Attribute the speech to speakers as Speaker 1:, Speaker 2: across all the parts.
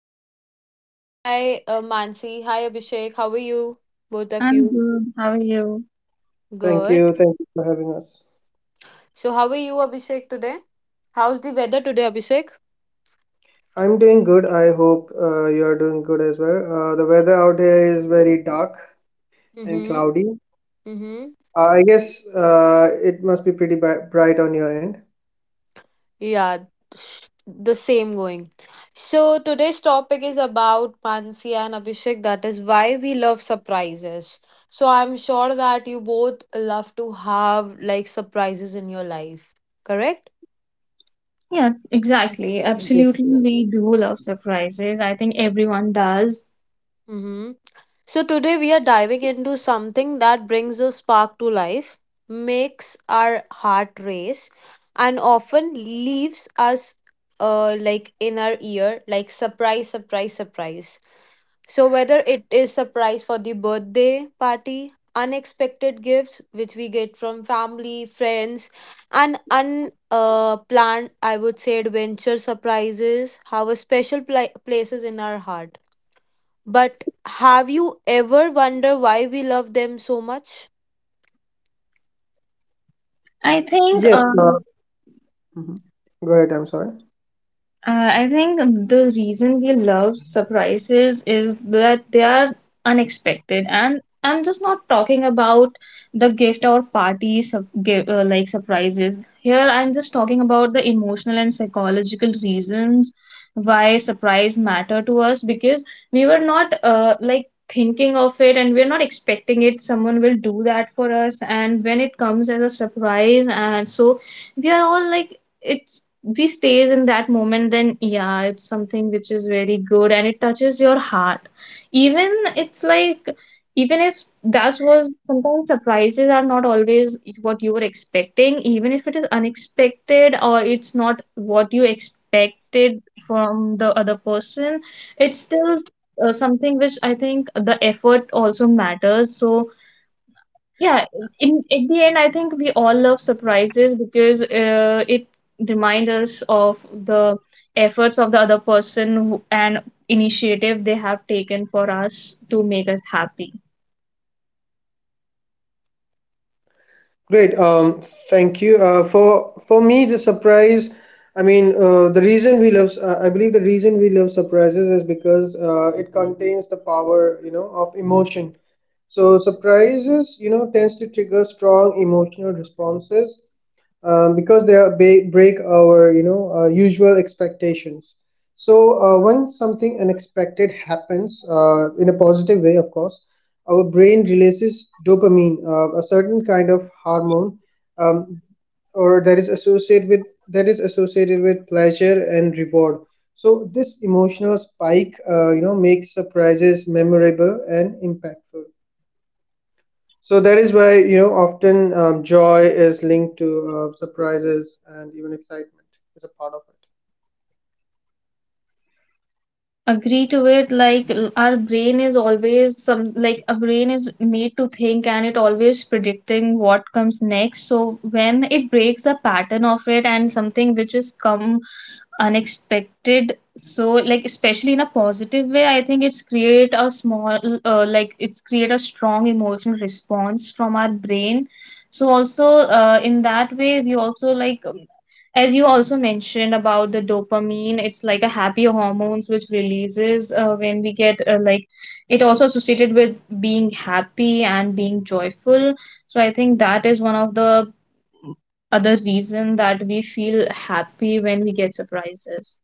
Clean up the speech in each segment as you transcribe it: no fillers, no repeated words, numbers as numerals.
Speaker 1: podcast. So, hi, Mansi. Hi, Abhishek. How are you? Both of
Speaker 2: I'm
Speaker 1: you.
Speaker 2: good. How are you?
Speaker 3: Thank you.
Speaker 1: Good.
Speaker 3: Thank you for having us.
Speaker 1: So, how are you, Abhishek, today? How's the weather today, Abhishek?
Speaker 3: I'm doing good. I hope you are doing good as well. The weather out here is very dark and
Speaker 1: Mm-hmm.
Speaker 3: cloudy.
Speaker 1: Mm-hmm.
Speaker 3: I guess it must be pretty bright on your end.
Speaker 1: Yeah, the same going. So, today's topic is about Mansi and Abhishek. That is why we love surprises. So, I'm sure that you both love to have like surprises in your life, correct?
Speaker 2: Yeah, exactly.
Speaker 3: Yes.
Speaker 2: Absolutely,
Speaker 3: Yes.
Speaker 2: we do love surprises. I think everyone does.
Speaker 1: Mm-hmm. So today we are diving into something that brings a spark to life, makes our heart race, and often leaves us like in our ear like surprise surprise surprise. So whether it is surprise for the birthday party, unexpected gifts which we get from family, friends, and unplanned planned, I would say adventure surprises have a special places in our heart. But have you ever wondered why we love them so much?
Speaker 2: I think
Speaker 3: Yes,
Speaker 2: um,
Speaker 3: Mhm. Go ahead. I'm sorry.
Speaker 2: I think the reason we love surprises is that they are unexpected, and I'm just not talking about the gift or party sub- gi- like surprises. Here, I'm just talking about the emotional and psychological reasons why surprise matter to us because we were not like thinking of it and we're not expecting it someone will do that for us, and when it comes as a surprise and so we are all like it's we stays in that moment. Then yeah, it's something which is very good and it touches your heart even. It's like even if that was, sometimes surprises are not always what you were expecting. Even if it is unexpected or it's not what you expected from the other person, it's still something which I think the effort also matters. So yeah, in at the end, I think we all love surprises because it reminds us of the efforts of the other person and initiative they have taken for us to make us happy.
Speaker 3: Great. Thank you. For me, the surprise. I mean, the reason we love. I believe the reason we love surprises is because it contains the power, you know, of emotion. So surprises, you know, tends to trigger strong emotional responses because they are break our, you know, usual expectations, so when something unexpected happens, in a positive way of course, our brain releases dopamine, a certain kind of hormone, um, or that is associated with pleasure and reward. So this emotional spike, you know, makes surprises memorable and impactful. So that is why, you know, often joy is linked to surprises, and even excitement is a part of it.
Speaker 2: Agree to it, like our brain is always some like a brain is made to think and it always predicting what comes next. So when it breaks the pattern of it and something which is come unexpected, so like especially in a positive way, I think it's create a strong emotional response from our brain. So also in that way we also like as you also mentioned about the dopamine, it's like a happy hormones which releases when we get like it also associated with being happy and being joyful. So I think that is one of the other reason that we feel happy when we get surprises.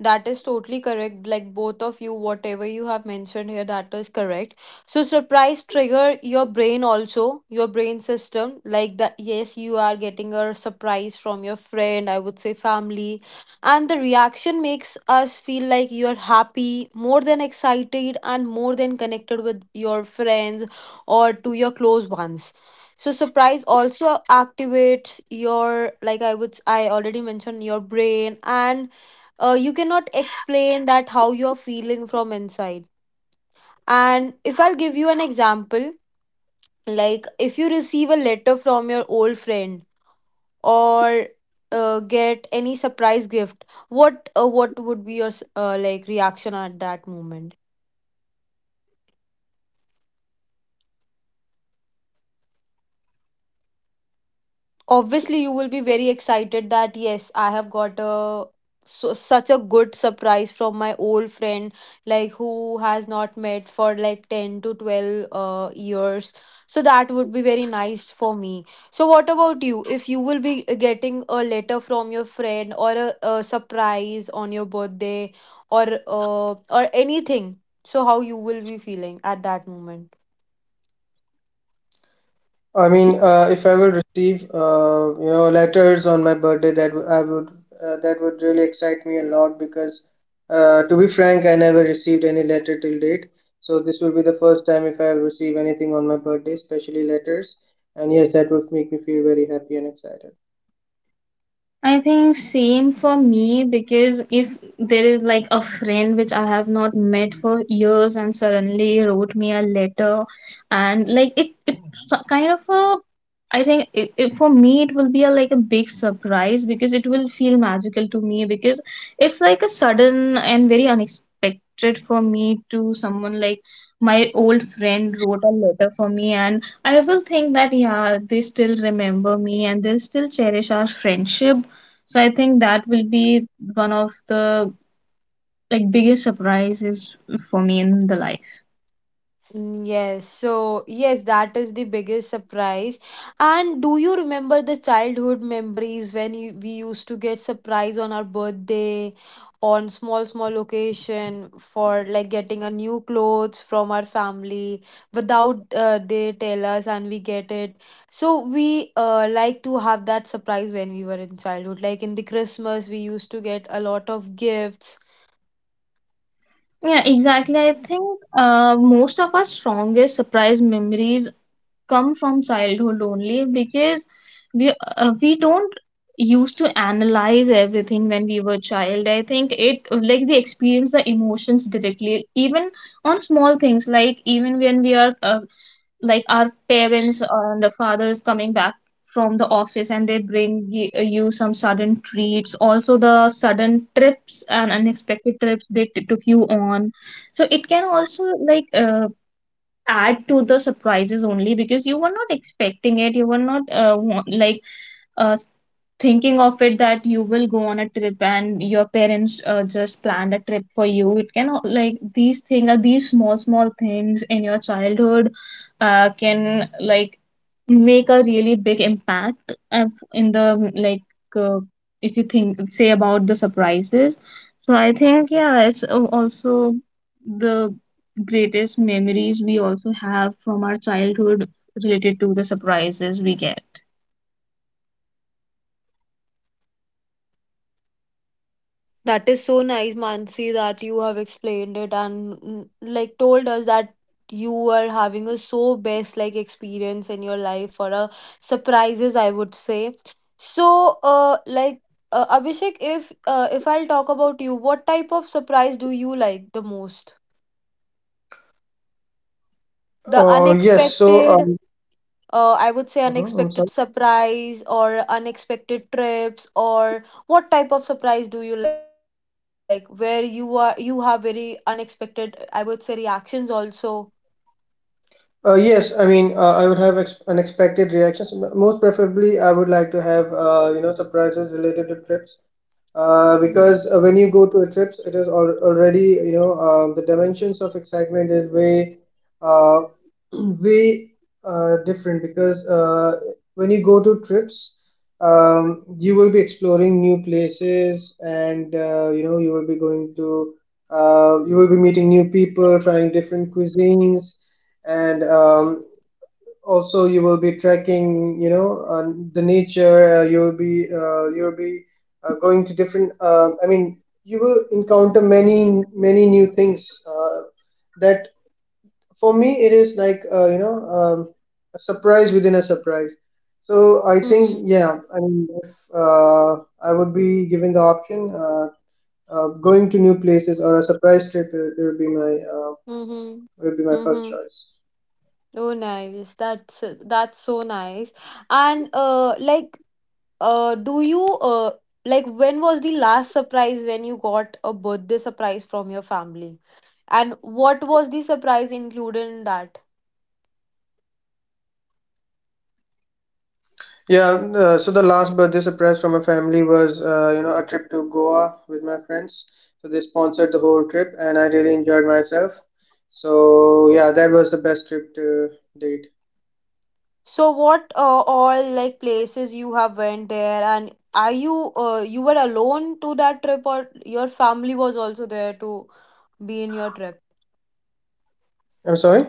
Speaker 1: That is totally correct. Like both of you, whatever you have mentioned here, that is correct. So surprise trigger your brain also, your brain system. Like that, yes, you are getting a surprise from your friend, I would say family. And the reaction makes us feel like you're happy, more than excited, and more than connected with your friends or to your close ones. So surprise also activates your like I already mentioned your brain and you cannot explain that how you're feeling from inside, and if I'll give you an example, like if you receive a letter from your old friend or get any surprise gift, what what would be your like reaction at that moment? Obviously you will be very excited that yes I have got a so, such a good surprise from my old friend, like who has not met for like 10 to 12 years, so that would be very nice for me. So what about you, if you will be getting a letter from your friend or a surprise on your birthday or anything, so how you will be feeling at that moment?
Speaker 3: I mean, if I will receive, you know, letters on my birthday, I would that would really excite me a lot because, to be frank, I never received any letter till date. So this will be the first time if I receive anything on my birthday, especially letters. And yes, that would make me feel very happy and excited.
Speaker 2: I think same for me, because if there is like a friend which I have not met for years and suddenly wrote me a letter, and like it's a kind of a, I think for me it will be a, like a big surprise because it will feel magical to me, because it's like a sudden and very unexpected for me to someone like my old friend wrote a letter for me, and I will think that yeah, they still remember me and they'll still cherish our friendship. So I think that will be one of the like biggest surprises for me in the life.
Speaker 1: Mm, yes, so yes, that is the biggest surprise. And do you remember the childhood memories when we used to get surprise on our birthday, on small small occasion for like getting a new clothes from our family without they tell us and we get it. So we like to have that surprise when we were in childhood. Like in the Christmas, we used to get a lot of gifts.
Speaker 2: Yeah, exactly. I think most of our strongest surprise memories come from childhood only, because we don't used to analyze everything when we were child. I think it, like we experience the emotions directly, even on small things, like even when we are like our parents and the fathers coming back from the office and they bring you some sudden treats, also the sudden trips and unexpected trips they took you on. So it can also like add to the surprises only because you were not expecting it. You were not uh, s- thinking of it that you will go on a trip and your parents just planned a trip for you. It can like these things are these small small things in your childhood can like make a really big impact in the uh, if you think say about the surprises. So I think yeah, it's also the greatest memories we also have from our childhood related to the surprises we get.
Speaker 1: That is so nice, Mansi, that you have explained it and mm, like told us that you were having a so best like experience in your life for a surprises, I would say. So, Abhishek, if I'll talk about you, what type of surprise do you like the most? The
Speaker 3: Oh yes, so
Speaker 1: unexpected I would say
Speaker 3: mhm, I'm
Speaker 1: unexpected surprise or unexpected trips, or what type of surprise do you like where you have very unexpected I would say reactions also.
Speaker 3: Yes, I mean, I would have unexpected reactions. Most preferably, I would like to have, you know, surprises related to trips.
Speaker 1: Mm-hmm.
Speaker 3: Because when you go to a trips, it is al already, you know, the dimensions of excitement is way, uh, way different. Because when you go to trips, you will be exploring new places, and, you know, you will be going to, you will be meeting new people, trying different cuisines, and also you will be tracking, you know, the nature, you will be going to different, I mean, you will encounter many many new things, that for me it is like you know, a surprise within a surprise. So I
Speaker 1: Mm-hmm.
Speaker 3: think, yeah, I mean, if I would be given the option, going to new places or a surprise trip, it would be my
Speaker 1: Mm-hmm.
Speaker 3: it would be my first
Speaker 1: Mm-hmm.
Speaker 3: choice.
Speaker 1: Oh nice. That's so nice. And do you like, when was the last surprise when you got a birthday surprise from your family? And what was the surprise included in that?
Speaker 3: Yeah, so the last birthday surprise from my family was, you know, a trip to Goa with my friends. So they sponsored the whole trip, and I really enjoyed myself. So yeah, that was the best trip to date.
Speaker 1: So what all like places you have went there, and are you you were alone to that trip, or your family was also there to be in your trip?
Speaker 3: I'm sorry.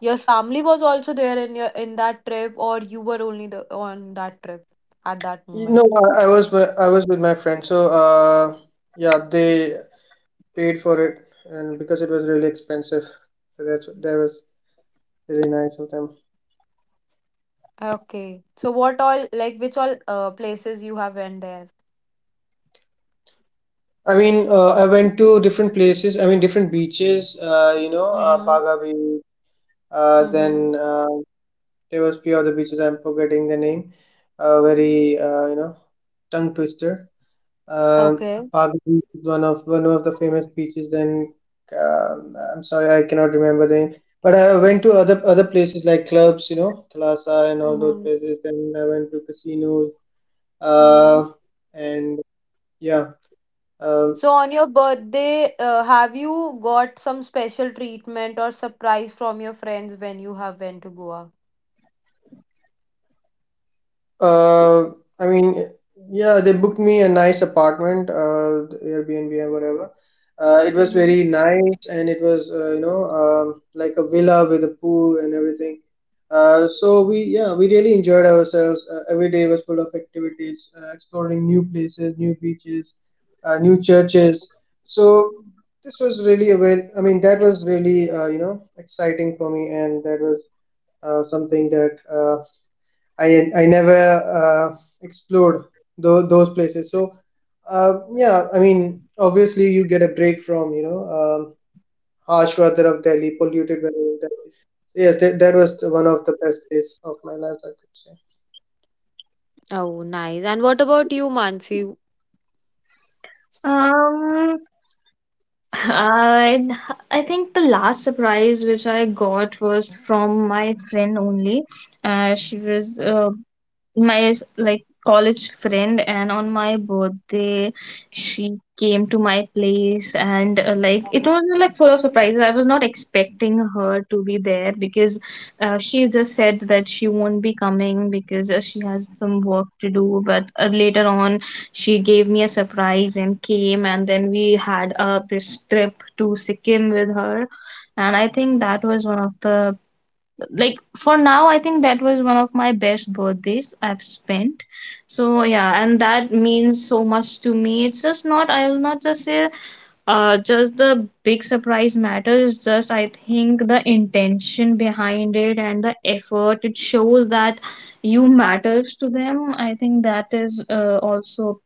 Speaker 1: Your family was also there in your in that trip, or you were only the on that trip at that
Speaker 3: No,
Speaker 1: moment?
Speaker 3: I was with my friend. So yeah, they paid for it, and because it was really expensive, so that was really nice of them.
Speaker 1: Okay. So what all like which all places you have went there?
Speaker 3: I mean, I went to different places. I mean, different beaches. You know, Baga
Speaker 1: Mm-hmm.
Speaker 3: Beach. Then
Speaker 1: Mm-hmm.
Speaker 3: There or the beaches. I'm forgetting the name. Very you know, tongue twister. Um
Speaker 1: Okay.
Speaker 3: Pago Beach is one of the famous beaches. Then uh, I'm sorry, I cannot remember the name. But I went to other places like clubs, you know, Thalassa and all those
Speaker 1: Mm-hmm.
Speaker 3: places. Then I went to casinos.
Speaker 1: Mm-hmm.
Speaker 3: Uh, and yeah. uh,
Speaker 1: So on your birthday, have you got some special treatment or surprise from your friends when you have went to Goa?
Speaker 3: Uh, I mean, yeah, they booked me a nice apartment, the Airbnb or whatever. It was
Speaker 1: Mm-hmm.
Speaker 3: very nice, and it was you know, um, like a villa with a pool and everything. So we, yeah, we really enjoyed ourselves. Every day was full of activities, exploring new places, new beaches, new churches. So this was really a well. I mean, that was really you know, exciting for me, and that was something that I never explored those places. So yeah, I mean, obviously you get a break from, you know, harsh weather of Delhi, polluted weather of Delhi. So yes, that was one of the best days of my life, I could say.
Speaker 1: Oh, nice. And what about you, Mansi?
Speaker 2: Um, I I think the last surprise which I got was from my friend only. She was my like college friend, and on my birthday she came to my place, and like it was like full of surprises. I was not expecting her to be there, because she just said that she won't be coming because she has some work to do, but later on she gave me a surprise and came, and then we had this trip to Sikkim with her. And I think that was one of the like, for now I think that was one of my best birthdays I've spent. So yeah, and that means so much to me. It's just not, I will not just say just the big surprise matters, it's just, I think the intention behind it and the effort it shows that you matters to them. I think that is also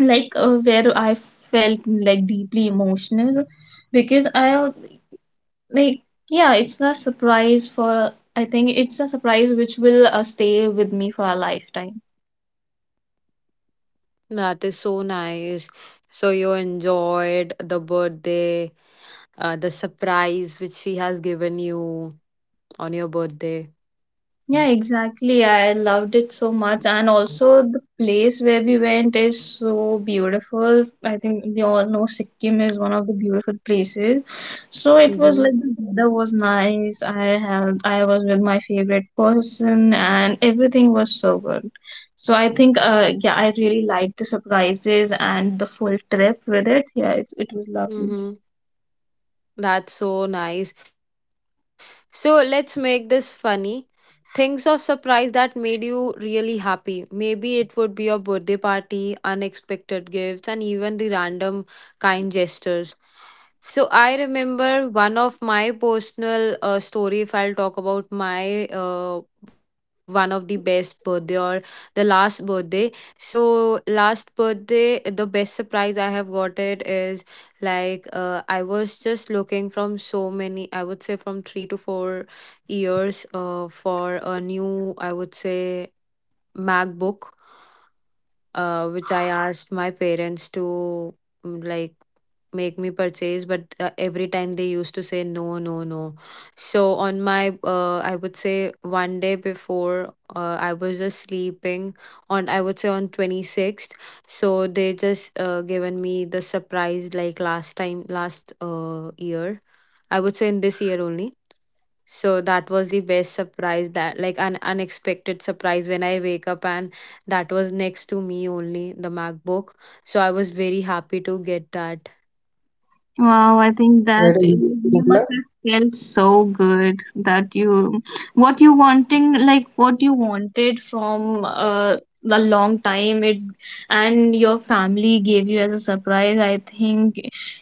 Speaker 2: like where I felt like deeply emotional, because I like, yeah, it's a surprise for, I think it's a surprise which will stay with me for a lifetime.
Speaker 1: That is so nice. So you enjoyed the birthday, the surprise which she has given you on your birthday.
Speaker 2: Yeah, exactly. I loved it so much. And also, the place where we went is so beautiful. I think we all know Sikkim is one of the beautiful places. So it was like the
Speaker 1: Mm-hmm.
Speaker 2: weather was nice. I was with my favorite person, and everything was so good. So I think, yeah, I really liked the surprises and the full trip with it. Yeah, it was lovely.
Speaker 1: Mm-hmm. That's so nice. So let's make this funny. Things of surprise that made you really happy. Maybe it would be your birthday party, unexpected gifts, and even the random kind gestures. So I remember one of my personal story. If I'll talk about my one of the best birthday or the last birthday. So last birthday, the best surprise I have got it is like I was just looking from so many. I would say from three to four years for a new, I would say, MacBook, which I asked my parents to mm, like make me purchase, but every time they used to say no, no, no. So on my, I would say one day before, I was just sleeping on, I would say on 26th. So they just given me the surprise like last time, last year. I would say in this year only. So that was the best surprise that like an unexpected surprise when I wake up and that was next to me only the MacBook. So I was very happy to get that.
Speaker 2: Wow, I think
Speaker 3: Right.
Speaker 2: that you must have felt so good that you, what you wanting, like what you wanted from a long time it, and your family gave you as a surprise. I think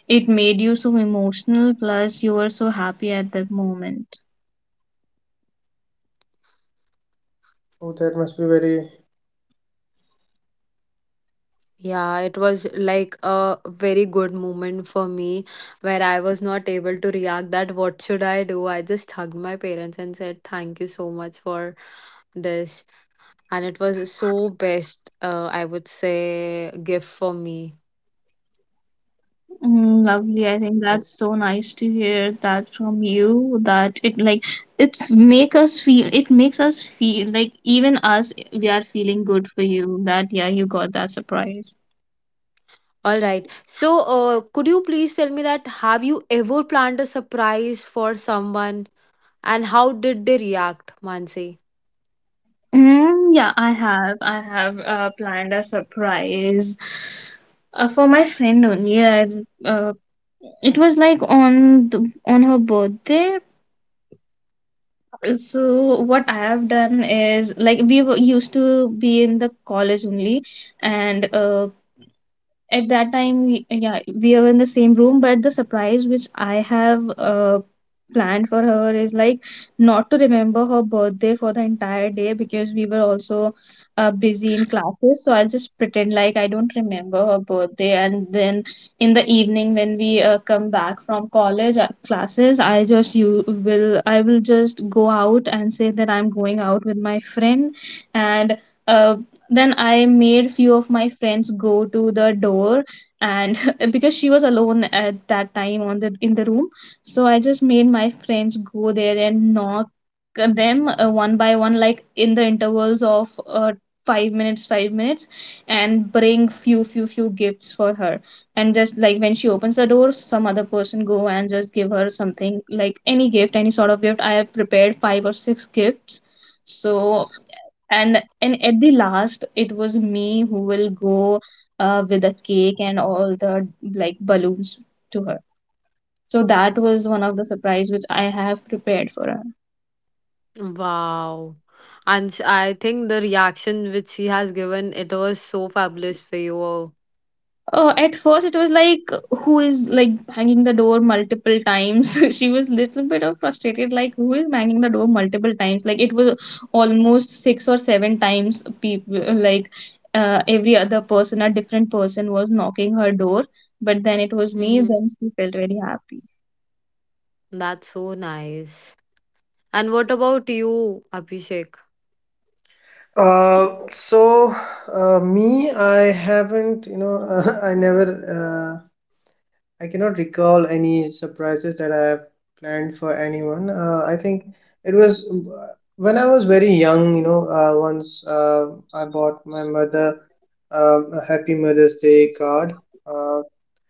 Speaker 2: it made you so emotional, plus you were so happy at that moment.
Speaker 3: Oh, that must be very.
Speaker 1: Yeah, it was like a very good moment for me where I was not able to react that what should I do? I just hugged my parents and said thank you so much for this, and it was so best I would say gift for me.
Speaker 2: Mm,
Speaker 3: Cool.
Speaker 2: lovely. I think that's so nice to hear that from you. That it like it make us feel. It makes us feel like even us, we are feeling good for you. That yeah, you got that surprise.
Speaker 1: All right. So, could you please tell me that have you ever planned a surprise for someone, and how did they react, Mansi?
Speaker 2: Mm, yeah, I have. I have planned a surprise for my friend only. I uh, it was like on the, on her birthday. So what I have done is like we were used to be in the college only, and at that time yeah we were in the same room. But the surprise which I have planned for her is like, not to remember her birthday for the entire day because we were also busy in classes. So I'll just pretend like I don't remember her birthday, and then in the evening when we come back from college classes, I will just go out and say that I'm going out with my friend. And uh, then I made few of my friends go to the door. And because she was alone at that time on the in the room, so I just made my friends go there and knock them one by one, like in the intervals of 5 minutes, and bring few gifts for her. And just like when she opens the door, some other person go and just give her something, like any gift, any sort of gift. I have prepared five or six gifts. So, and and at the last it was me who will go with a cake and all the like balloons to her. So that was one of the surprise which I have prepared for her.
Speaker 1: Wow. And I think the reaction which she has given, it was so fabulous for you.
Speaker 2: At first it was like, who is like banging the door multiple times. She was little bit of frustrated like, who is banging the door multiple times. Like it was almost six or seven times people like every other person, a different person was knocking her door. But then it was me,
Speaker 1: Mm-hmm.
Speaker 2: then she felt very happy.
Speaker 1: That's so nice. And what about you, Abhishek?
Speaker 3: Uh, so Me, I haven't, you know, I never uh, I cannot recall any surprises that I have planned for anyone. I think it was when I was very young, you know, once I bought my mother a Happy Mother's Day card. Uh,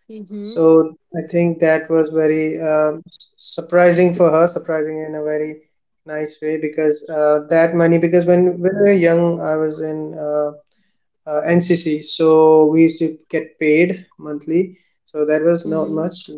Speaker 1: Mm-hmm.
Speaker 3: so I think that was very, um, surprising for her, surprising in a very nice way. Because that money, because when we were young, I was in uh, NCC, so we used to get paid monthly. So that was not
Speaker 1: Mm-hmm.
Speaker 3: much.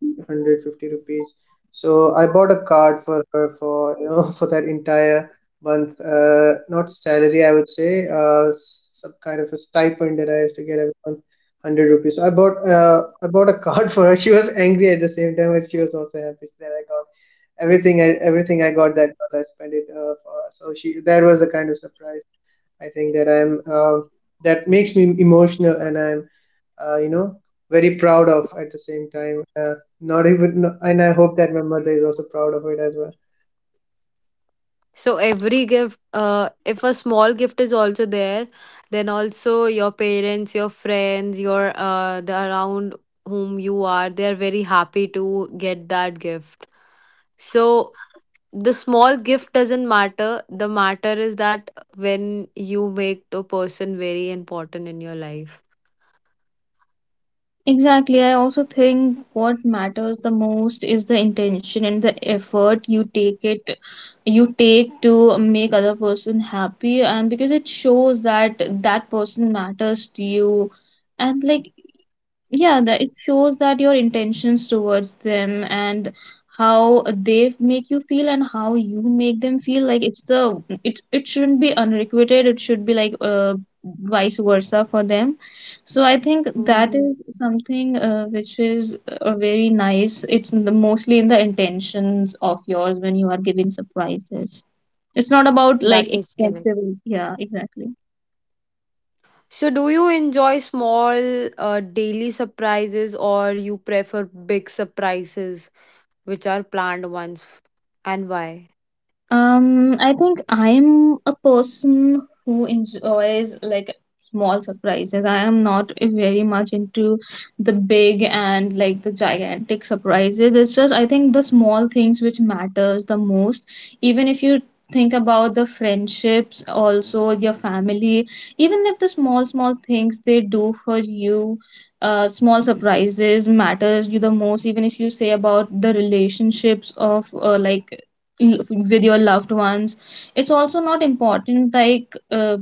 Speaker 3: 150 rupees. So I bought a card for her, for you know, for that entire month. Not salary, I would say. S some kind of a stipend that I used to get every month, 100 rupees. So I bought a card for her. She was angry at the same time, but she was also happy that I got everything. I everything I got that month, I spent it for her. So she that was the kind of surprise. I think that I'm that makes me emotional, and I'm you know, very proud of at the same time. Not even, no, and I hope that my mother is also proud of it as well.
Speaker 1: So every gift, if a small gift is also there, then also your parents, your friends, your the around whom you are, they are very happy to get that gift. So the small gift doesn't matter. The matter is that when you make the person very important in your life.
Speaker 2: Exactly. I also think what matters the most is the intention and the effort you take to make other person happy, and because it shows that that person matters to you. And like yeah, that it shows that your intentions towards them, and how they make you feel and how you make them feel, like it's the, it shouldn't be unrequited, it should be like vice versa for them. So I think that
Speaker 1: Mm,
Speaker 2: is something which is very nice. It's in the, mostly in the intentions of yours when you are giving surprises, it's not about like
Speaker 1: that is correct.
Speaker 2: expensive, yeah exactly.
Speaker 1: So do you enjoy small daily surprises, or you prefer big surprises which are planned ones, and why?
Speaker 2: I think I'm a person who enjoys like small surprises. I am not very much into the big and like the gigantic surprises. It's just, I think the small things which matters the most. Even if you think about the friendships, also your family, even if the small small things they do for you, small surprises matters you the most. Even if you say about the relationships of like with your loved ones, it's also not important like uh,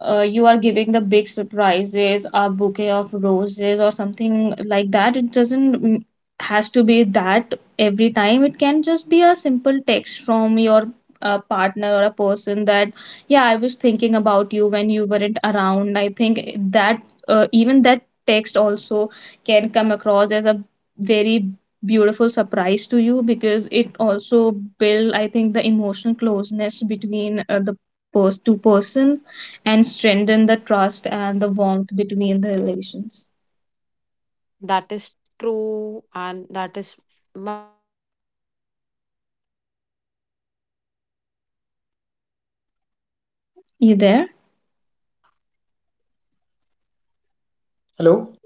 Speaker 2: uh, you are giving the big surprises, a bouquet of roses or something like that. It doesn't has to be that every time. It can just be a simple text from your partner or a person that, yeah, I was thinking about you when you weren't around. I think that even that text also can come across as a very beautiful surprise to you because it also build I think the emotional closeness between the two person and strengthen the trust and the warmth between the relations.
Speaker 1: That is true and that is
Speaker 2: You there?
Speaker 3: Hello,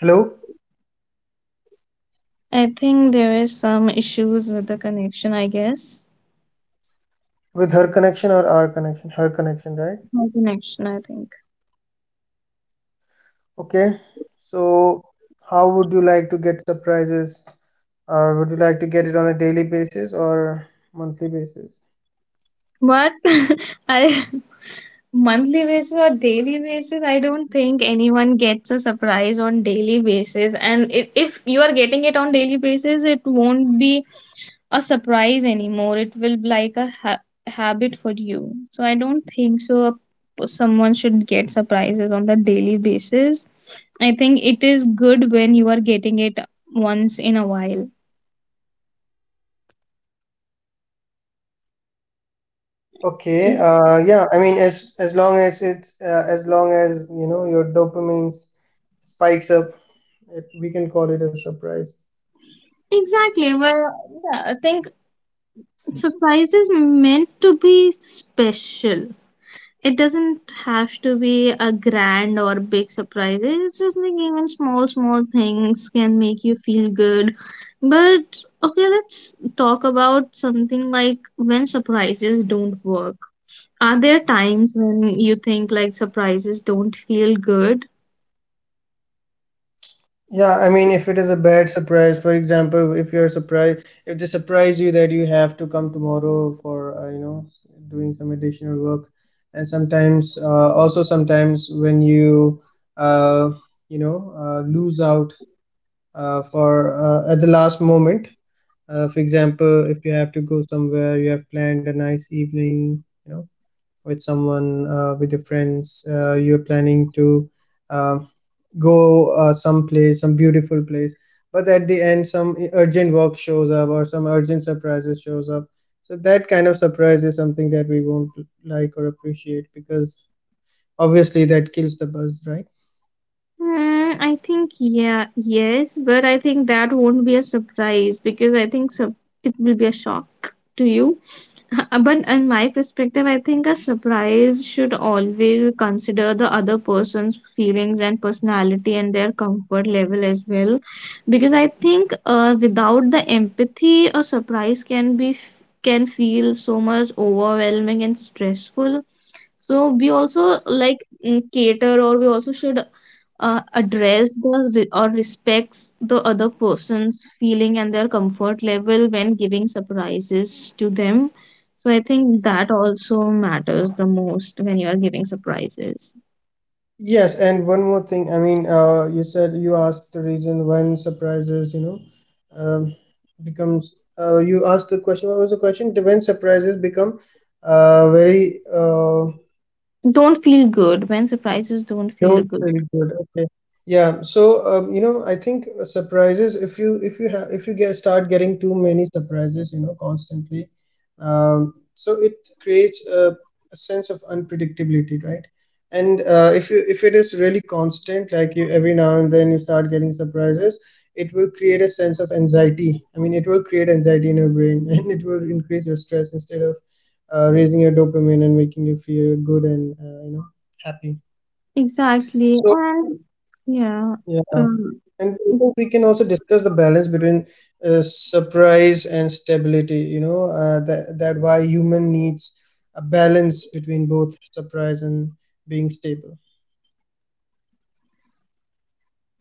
Speaker 3: hello,
Speaker 2: I think there is some issues with the connection, I guess.
Speaker 3: with her connection or our connection? Her connection, right?
Speaker 2: No connection, I think.
Speaker 3: Okay. So, how would you like to get surprises? Would you like to get it on a daily basis or monthly basis?
Speaker 2: But I monthly basis or daily basis, I don't think anyone gets a surprise on daily basis. And I if you are getting it on daily basis, it won't be a surprise anymore. It will be like a habit for you. So I don't think so. Someone should get surprises on the daily basis. I think it is good when you are getting it once in a while.
Speaker 3: Okay. Yeah. I mean, as long as it's as long as, you know, your dopamine spikes up, it, we can call it a surprise.
Speaker 2: Exactly. Well, yeah, I think surprise is meant to be special. It doesn't have to be a grand or big surprise. It's just like even small, small things can make you feel good. But okay, let's talk about something like when surprises don't work. Are there times when you think like surprises don't feel good?
Speaker 3: Yeah, I mean, if it is a bad surprise, for example, if you're surprised, if they surprise you that you have to come tomorrow for, you know, doing some additional work, and sometimes, also sometimes when you, uh, lose out for at the last moment, for example, if you have to go somewhere, you have planned a nice evening, you know, with someone, with your friends, you're planning to. um Go some place, some beautiful place, but at the end some urgent work shows up or some urgent surprises shows up. So that kind of surprise is something that we won't like or appreciate, because obviously that kills the buzz, right?
Speaker 2: Mm, I think yeah, yes, but I think that won't be a surprise because I think it will be a shock to you. But in my perspective, I think a surprise should always consider the other person's feelings and personality and their comfort level as well. Because I think without the empathy, a surprise can can feel so much overwhelming and stressful, so we also like mm, cater or we also should address the or respects the other person's feeling and their comfort level when giving surprises to them. So I think that also matters the most when you are giving surprises
Speaker 3: Yes, and one more thing. I mean, you said you asked the reason when surprises, you know, um, becomes. You asked the question. What was the question? The When surprises become very
Speaker 2: don't feel good when surprises don't feel
Speaker 3: don't
Speaker 2: good.
Speaker 3: feel good. Okay. Yeah. So, you know, I think, surprises, if you get start getting too many surprises, you know, constantly, so it creates a sense of unpredictability, right? And if you if it is really constant, like you, every now and then, you start getting surprises, it will create a sense of anxiety. I mean, it will create anxiety in your brain, and it will increase your stress instead of raising your dopamine and making you feel good and you know, happy.
Speaker 2: Exactly.
Speaker 3: So.
Speaker 2: And yeah,
Speaker 3: Yeah,
Speaker 2: um,
Speaker 3: and I think we can also discuss the balance between surprise and stability. You know, that why human needs a balance between both surprise and being stable.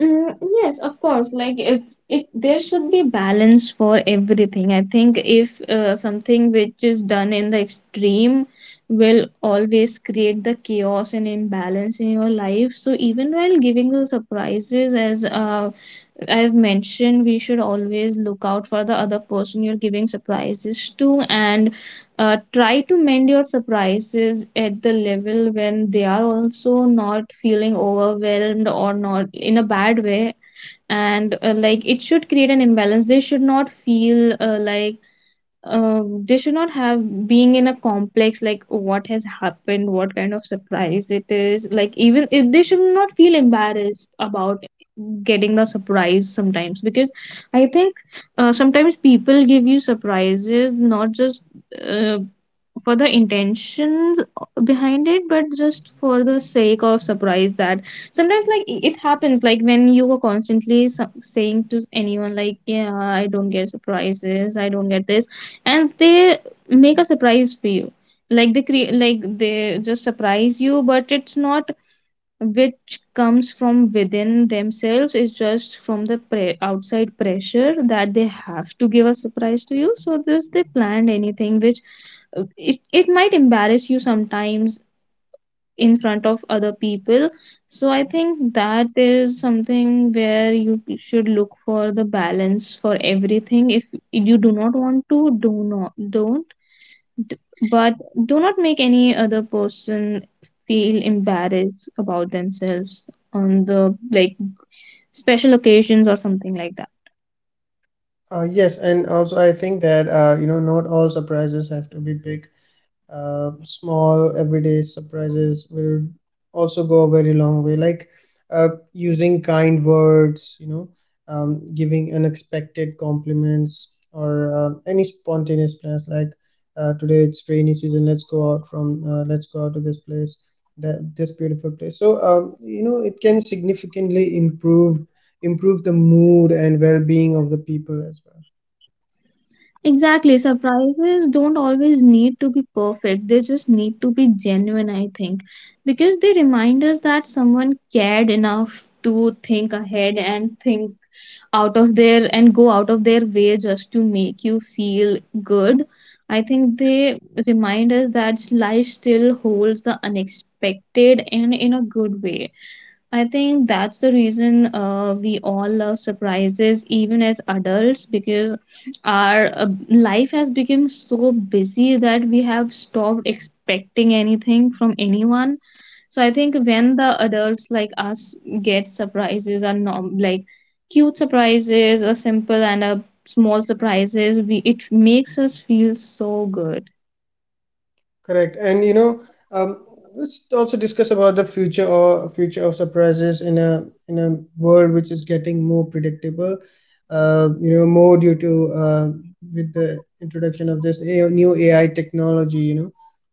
Speaker 2: mm, yes, of course. Like it's it there should be balance for everything. I think if something which is done in the extreme will always create the chaos and imbalance in your life. So even while giving the surprises, as I've mentioned, we should always look out for the other person you're giving surprises to and try to mend your surprises at the level when they are also not feeling overwhelmed or not in a bad way. And like it should create an imbalance. They should not feel like they should not have being in a complex like what has happened, what kind of surprise it is. Like even if they should not feel embarrassed about getting the surprise sometimes because I think sometimes people give you surprises not just uh, for the intentions behind it but just for the sake of surprise that sometimes like it happens like when you are constantly saying to anyone like, yeah, I don't get surprises, I don't get this, and they make a surprise for you, like they create, like they just surprise you, but it's not which comes from within themselves, it's just from the outside pressure that they have to give a surprise to you, so this they planned anything which it might embarrass you sometimes in front of other people. So I think that is something where you should look for the balance for everything. If you do not want to do not don't D- but do not make any other person feel embarrassed about themselves on the like special occasions or something like that.
Speaker 3: Yes, and also I think that you know, not all surprises have to be big. Small everyday surprises will also go a very long way, like using kind words, you know, giving unexpected compliments, or any spontaneous plans, like, today it's rainy season, let's go out to this place, that this beautiful place. So you know, it can significantly improve the mood and well-being of the people as well.
Speaker 2: Exactly, surprises don't always need to be perfect, they just need to be genuine, I think, because they remind us that someone cared enough to think ahead and think out of their and go out of their way just to make you feel good. I think they remind us that life still holds the unexpected, and in a good way. I think that's the reason we all love surprises, even as adults, because our life has become so busy that we have stopped expecting anything from anyone. So I think when the adults like us get surprises, or norm like cute surprises, a simple and a small surprises, we it makes us feel so good.
Speaker 3: Correct. And you know, um, let's also discuss about the future or future of surprises in a, world which is getting more predictable. You know, more due to with the introduction of this, new AI technology. You know,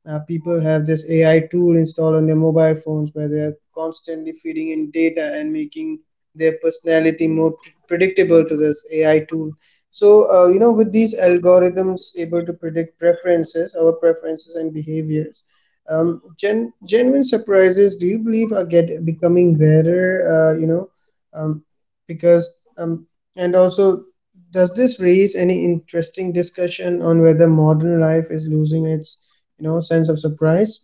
Speaker 3: people have this AI tool installed on their mobile phones, where they are constantly feeding in data and making their personality more predictable to this AI tool. So, you know, with these algorithms able to predict preferences, our preferences and behaviors, genuine surprises, do you believe are get becoming rarer, you know, um, because and also, does this raise any interesting discussion on whether modern life is losing its, you know, sense of surprise?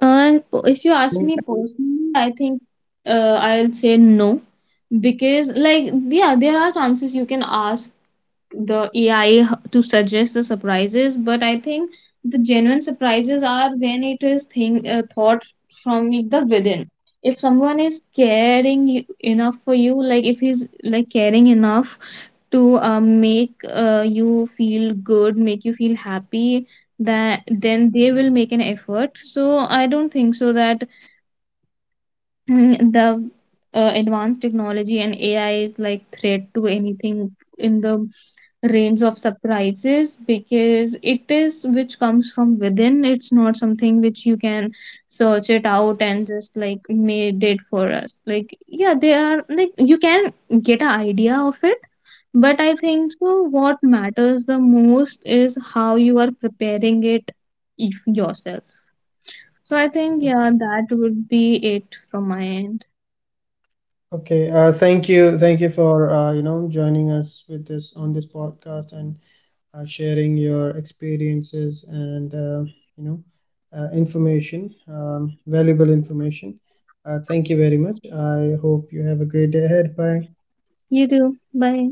Speaker 2: If you ask me personally, I think I'll say no, because like yeah, there are chances you can ask the AI to suggest the surprises, but I think the genuine surprises are when it is thing thought from the within. If someone is caring you, enough for you, like if he's like caring enough to make you feel good, make you feel happy, that then they will make an effort. So I don't think so that mm, the advanced technology and AI is like threat to anything in the range of surprises, because it is which comes from within, it's not something which you can search it out and just like made it for us. Like yeah they are like you can get an idea of it, but I think so what matters the most is how you are preparing it, if yourself. So I think yeah that would be it from my end.
Speaker 3: Okay, thank you for you know, joining us with this on this podcast, and sharing your experiences and you know, information, valuable information. Thank you very much. I hope you have a great day ahead. Bye.
Speaker 2: You too, bye.